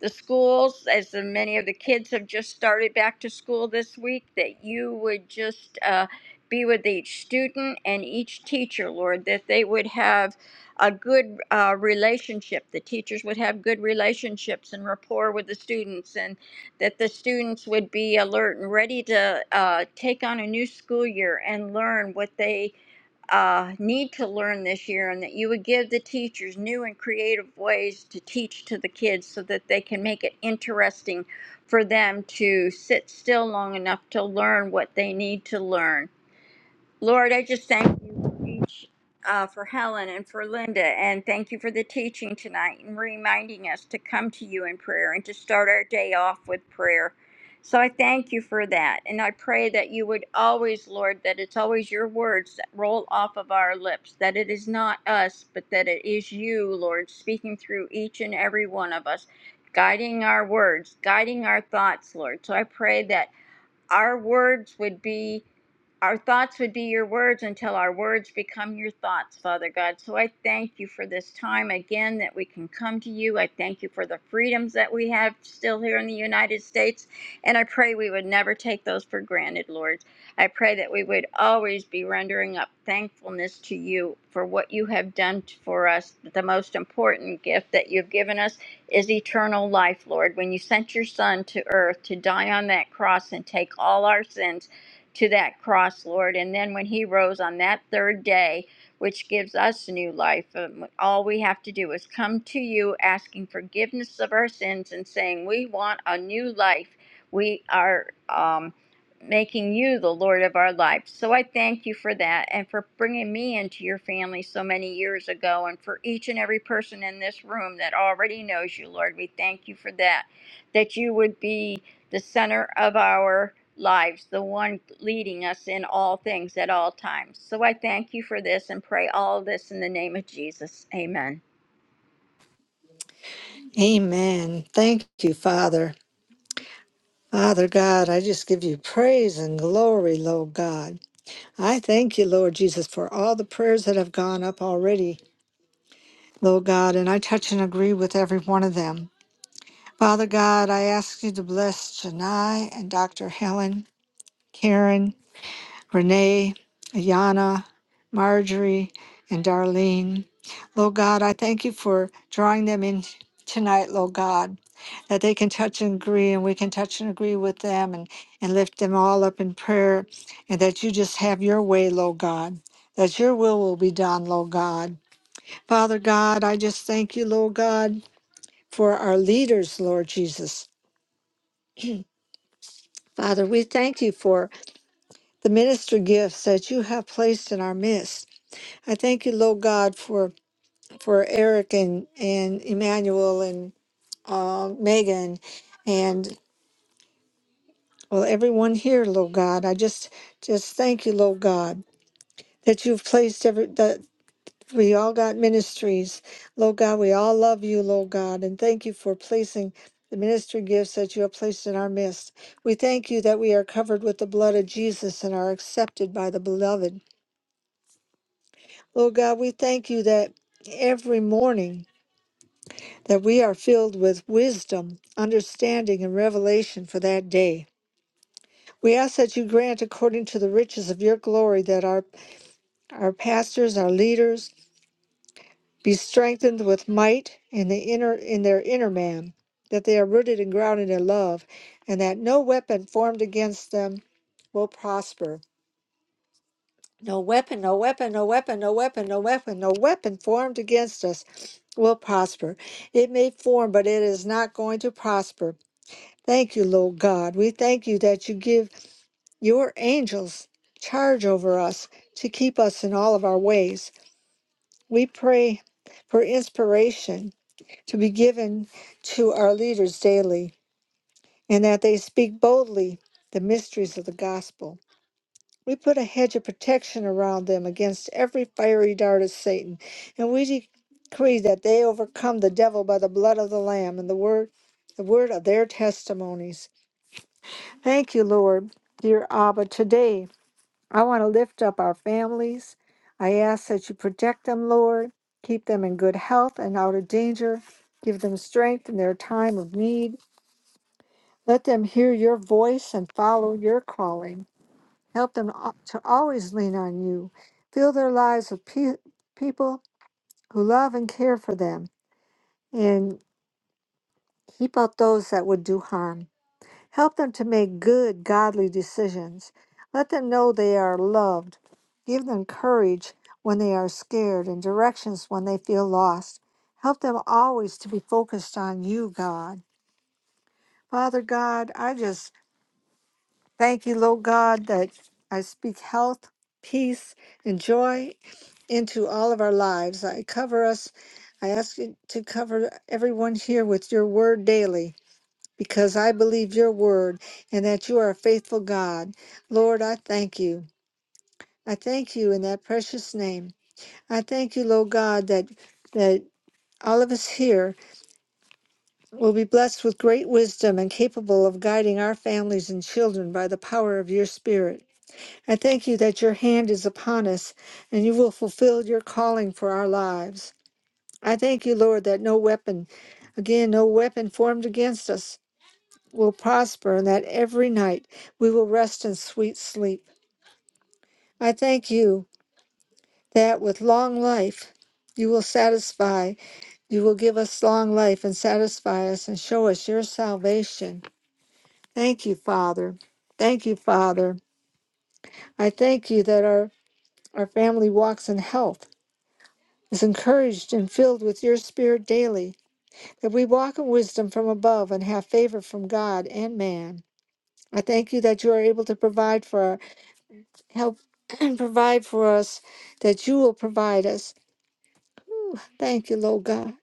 Speaker 4: the schools, as the, many of the kids have just started back to school this week, that you would just uh, be with each student and each teacher, Lord, that they would have a good uh, relationship. The teachers would have good relationships and rapport with the students, and that the students would be alert and ready to uh, take on a new school year and learn what they uh, need to learn this year and that you would give the teachers new and creative ways to teach to the kids so that they can make it interesting for them to sit still long enough to learn what they need to learn Lord, I just thank you for each, uh, for Helen and for Linda, and thank you for the teaching tonight and reminding us to come to you in prayer and to start our day off with prayer. So I thank you for that, and I pray that you would always, Lord, that it's always your words that roll off of our lips, that it is not us, but that it is you, Lord, speaking through each and every one of us, guiding our words, guiding our thoughts, Lord. So I pray that our words would be our thoughts would be your words until our words become your thoughts, Father God. So I thank you for this time again that we can come to you. I thank you for the freedoms that we have still here in the United States. And I pray we would never take those for granted, Lord. I pray that we would always be rendering up thankfulness to you for what you have done for us, the most important gift that you've given us is eternal life, Lord. When you sent your Son to earth to die on that cross and take all our sins to that cross, Lord, and then when he rose on that third day, which gives us new life, um, all we have to do is come to you asking forgiveness of our sins and saying, We want a new life. We are. Um, making you the Lord of our lives. So I thank you for that and for bringing me into your family so many years ago and for each and every person in this room that already knows you, Lord. We thank you for that, that you would be the center of our lives, the one leading us in all things at all times. So I thank you for this and pray all this in the name of Jesus. Amen.
Speaker 3: Amen. Thank you, Father. Father God, I just give you praise and glory, Lord God. I thank you, Lord Jesus, for all the prayers that have gone up already Lord God, and I touch and agree with every one of them. Father God, I ask you to bless Janai and Dr. Helen, Karen, Renee, Ayana, Marjorie, and Darlene. Lord God, I thank you for drawing them in tonight, Lord God, that they can touch and agree, and we can touch and agree with them and, and lift them all up in prayer, and that you just have your way, Lord God, that your will will be done, Lord God. Father God, I just thank you, Lord God for our leaders, Lord Jesus. Father, we thank you for the minister gifts that you have placed in our midst. I thank you, Lord God, for for Eric and and Emmanuel and uh, Megan and well everyone here, Lord God. I just just thank you, Lord God, that you've placed every that We all got ministries. Lord God, we all love you, Lord God, and thank you for placing the ministry gifts that you have placed in our midst. We thank you that we are covered with the blood of Jesus and are accepted by the beloved. Lord God, we thank you that every morning that we are filled with wisdom, understanding, and revelation for that day. We ask that you grant according to the riches of your glory that our our pastors, our leaders, be strengthened with might in the inner in their inner man that they are rooted and grounded in love and that no weapon formed against them will prosper no weapon no weapon no weapon no weapon no weapon no weapon formed against us will prosper it may form but it is not going to prosper thank you lord god we thank you that you give your angels charge over us to keep us in all of our ways we pray for inspiration to be given to our leaders daily, and that they speak boldly the mysteries of the gospel. We put a hedge of protection around them against every fiery dart of Satan, and we decree that they overcome the devil by the blood of the Lamb and the word, the word of their testimonies. Thank you, Lord, dear Abba. Today, I want to lift up our families. I ask that you protect them, Lord, keep them in good health and out of danger, give them strength in their time of need. Let them hear your voice and follow your calling. Help them al- to always lean on you. Fill their lives with pe- people who love and care for them, and keep out those that would do harm. Help them to make good, godly decisions. Let them know they are loved. Give them courage when they are scared and directions when they feel lost. Help them always to be focused on you, God. Father God, I just Thank you, Lord God, that I speak health, peace, and joy into all of our lives. I cover us. I ask you to cover everyone here with your word daily because I believe your word and that you are a faithful God. Lord, I thank you. I thank you in that precious name. I thank you, Lord God, that that all of us here will be blessed with great wisdom and capable of guiding our families and children by the power of your spirit. I thank you that your hand is upon us and you will fulfill your calling for our lives. I thank you, Lord, that no weapon, again, no weapon formed against us will prosper and that every night we will rest in sweet sleep. I thank you that with long life you will satisfy, you will give us long life and satisfy us and show us your salvation. Thank you, Father. Thank you, Father. I thank you that our, our family walks in health is encouraged and filled with your spirit daily, that we walk in wisdom from above and have favor from God and man. I thank you that you are able to provide for our help [CLEARS THROAT] and provide for us, that you will provide us. Ooh, Thank you, Lord God.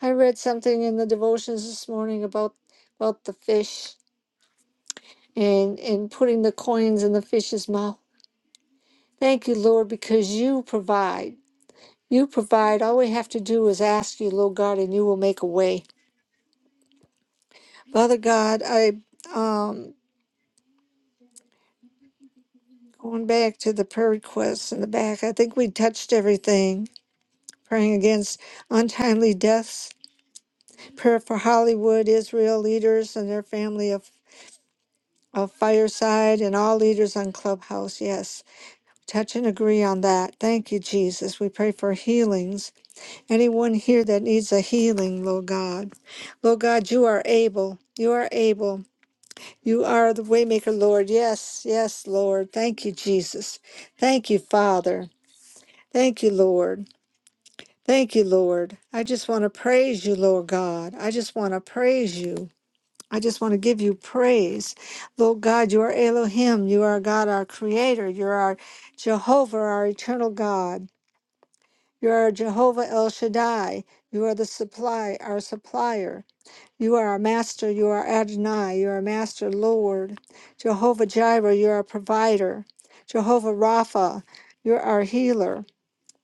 Speaker 3: I read something in the devotions this morning about about the fish and, and putting the coins in the fish's mouth. Thank you, Lord, because you provide. You provide. All we have to do is ask you, Lord God, and you will make a way. Father God, I um going back to the prayer requests in the back. I think we touched everything. Praying against untimely deaths, prayer for Hollywood, Israel leaders and their family of, of Fireside, and all leaders on Clubhouse. Yes, touch and agree on that. Thank you, Jesus. We pray for healings. Anyone here that needs a healing, Lord God. Lord God, you are able. You are able. You are the waymaker, Lord. Yes, yes, Lord. Thank you, Jesus. Thank you, Father. Thank you, Lord. Thank you, Lord. I just want to praise you, Lord God. I just want to praise you. I just want to give you praise. Lord God, you are Elohim. You are God, our creator. You're Jehovah, our eternal God. You are Jehovah El Shaddai. You are the supply, our supplier. You are our master. You are Adonai. You are master Lord. Jehovah Jireh, you are a provider. Jehovah Rapha, you're our healer.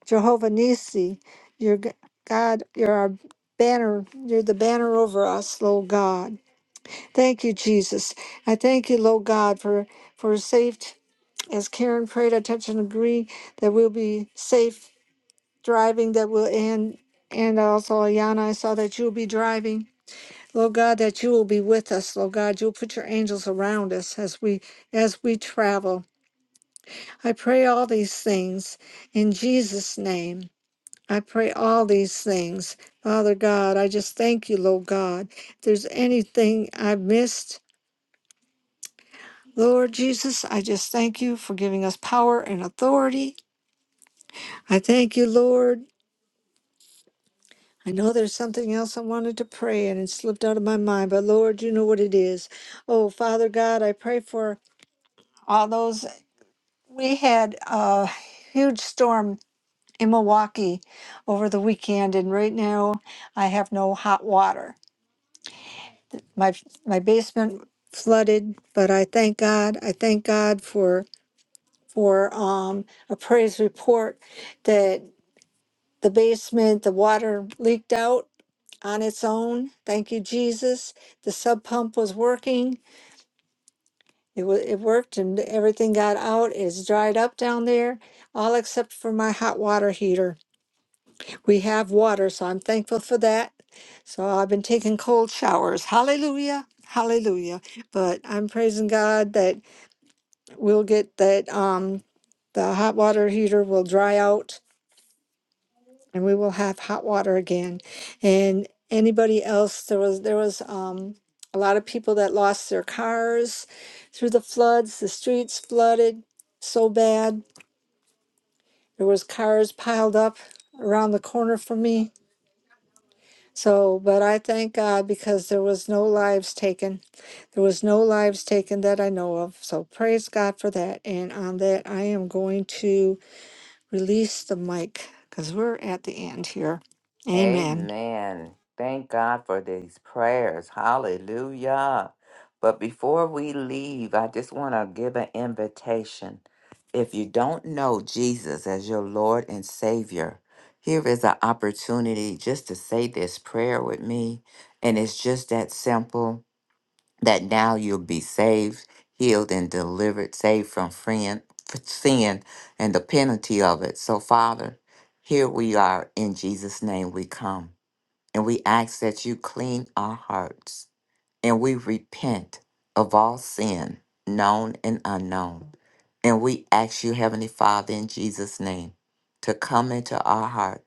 Speaker 3: Jehovah Nisi, you're G- God, you're our banner. You're the banner over us, Lord God. Thank you, Jesus. I thank you, Lord God, for, for safe, as Karen prayed, I touch and agree that we'll be safe driving, that we'll, and, and also, Ayana, I saw that you'll be driving Lord God, that you will be with us, Lord God. You'll put your angels around us as we as we travel. I pray all these things in Jesus' name. I pray all these things. Father God, I just thank you, Lord God. If there's anything I missed, Lord Jesus, I just thank you for giving us power and authority. I thank you, Lord. I know there's something else I wanted to pray and it slipped out of my mind, but Lord, you know what it is. Oh, Father God, I pray for all those. We had a huge storm in Milwaukee over the weekend, and right now I have no hot water. My my basement flooded, but I thank God. I thank God for for um, a praise report that the basement, the water leaked out on its own. Thank you, Jesus. The sub pump was working. It, wa it worked and everything got out. It's dried up down there, all except for my hot water heater. We have water, so I'm thankful for that. So I've been taking cold showers. Hallelujah. Hallelujah. But I'm praising God that we'll get that um the hot water heater will dry out and we will have hot water again. And anybody else there was there was um a lot of people that lost their cars through the floods, the streets flooded so bad. There was cars piled up around the corner from me So, but I thank God because there was no lives taken. There was no lives taken that I know of. So, praise God for that. And on that, I am going to release the mic because we're at the end here. Amen.
Speaker 1: Amen. Thank God for these prayers. Hallelujah. But before we leave, I just want to give an invitation. If you don't know Jesus as your Lord and Savior, here is an opportunity just to say this prayer with me. And it's just that simple. that now you'll be saved, healed, and delivered, saved from friend, f- sin and the penalty of it. So, Father, here we are in Jesus' name we come, and we ask that you clean our hearts and we repent of all sin, known and unknown. And we ask you, Heavenly Father, in Jesus' name, to come into our heart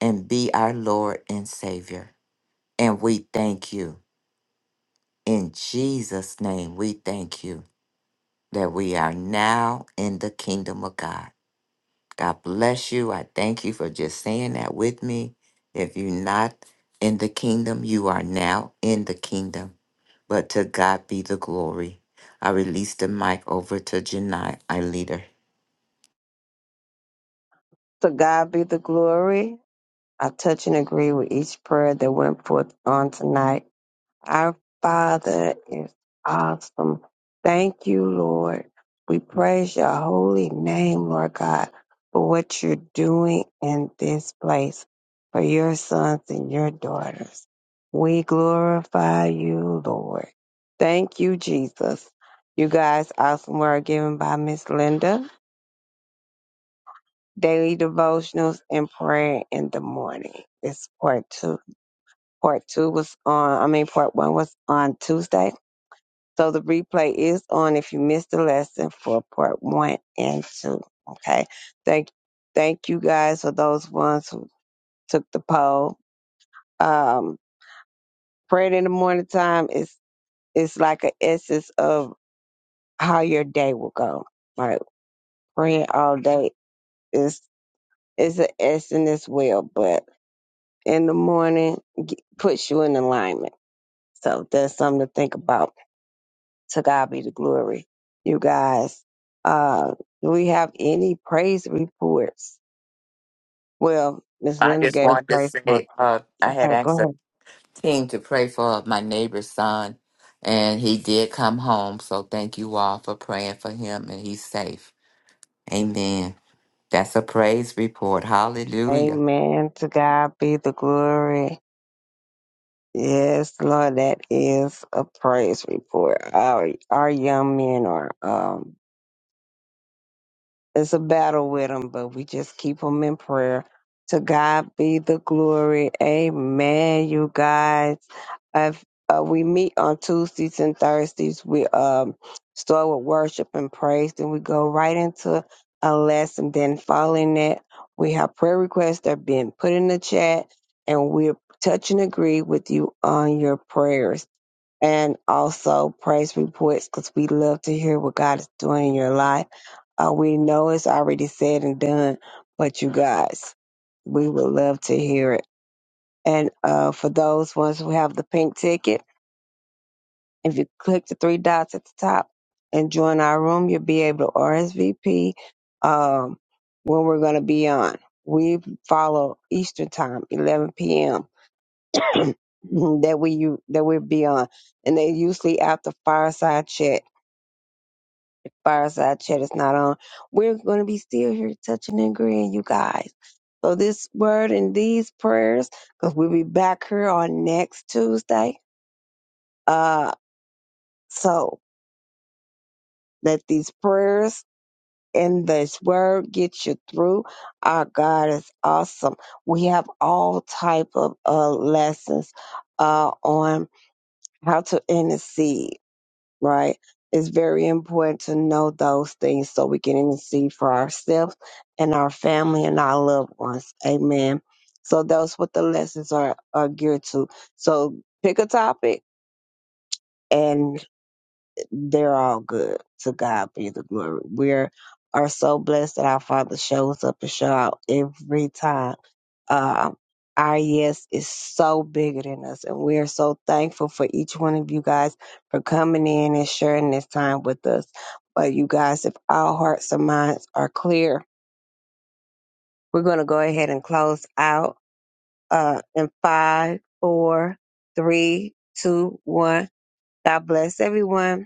Speaker 1: and be our Lord and Savior. And we thank you. In Jesus' name, we thank you. that we are now in the kingdom of God. God bless you. I thank you for just saying that with me. If you're not in the kingdom, you are now in the kingdom. But to God be the glory. I release the mic over to Janai, our leader.
Speaker 2: To God be the glory. I touch and agree with each prayer that went forth on tonight. Our Father is awesome. Thank you, Lord. We praise your holy name, Lord God, for what you're doing in this place for your sons and your daughters. We glorify you, Lord. Thank you, Jesus. You guys, awesome word given by Miss Linda. Daily devotionals and prayer in the morning. This part two. Part two was on, I mean, part one was on Tuesday So the replay is on if you missed the lesson for part one and two. Okay. Thank thank you guys for those ones who took the poll. Um praying in the morning time is is like an essence of how your day will go. Like praying all day is is an essence as well, but in the morning g- puts you in alignment. So that's something to think about To God be the glory. You guys, uh, do we have any praise reports? Well, Miss
Speaker 1: I
Speaker 2: Linda
Speaker 1: just
Speaker 2: gave a
Speaker 1: wanted to
Speaker 2: praise report.
Speaker 1: say uh, I had
Speaker 2: Okay,
Speaker 1: asked a
Speaker 2: go
Speaker 1: team to pray for my neighbor's son, and he did come home. So thank you all for praying for him, and he's safe. Amen. That's a praise report.
Speaker 2: ahead.
Speaker 1: Hallelujah.
Speaker 2: Amen. To God be the glory. Yes, Lord, that is a praise report. Our our young men are um it's a battle with them, but we just keep them in prayer. To God be the glory. Amen, you guys. If, uh, we meet on Tuesdays and Thursdays. We um, start with worship and praise, then we go right into a lesson. Then following that, we have prayer requests that are being put in the chat, and we touch and agree with you on your prayers and also praise reports because we love to hear what God is doing in your life. Uh, we know it's already said and done, but you guys, we would love to hear it. And uh, for those ones who have the pink ticket, if you click the three dots at the top and join our room, you'll be able to RSVP um, when we're going to be on. We follow Eastern Time, 11 p.m. [COUGHS] [CLEARS THROAT] that we u- that we be on, and they usually after fireside chat. Fireside chat is not on. We're going to be still here touching and agreeing, you guys. So this word and these prayers, because we'll be back here on next Tuesday. Uh, so let these prayers and this word get you through. Our God is awesome. We have all type of uh lessons uh on how to intercede right? It's very important to know those things so we can intercede for ourselves and our family and our loved ones. Amen. So that's what the lessons are, are geared to. So pick a topic and they're all good. To God be the glory. We are are so blessed that our Father shows up and show out every time. Um, our yes is so bigger than us, and we are so thankful for each one of you guys for coming in and sharing this time with us. But you guys, if our hearts and minds are clear, we're going to go ahead and close out uh, in five, four, three, two, one. God bless everyone.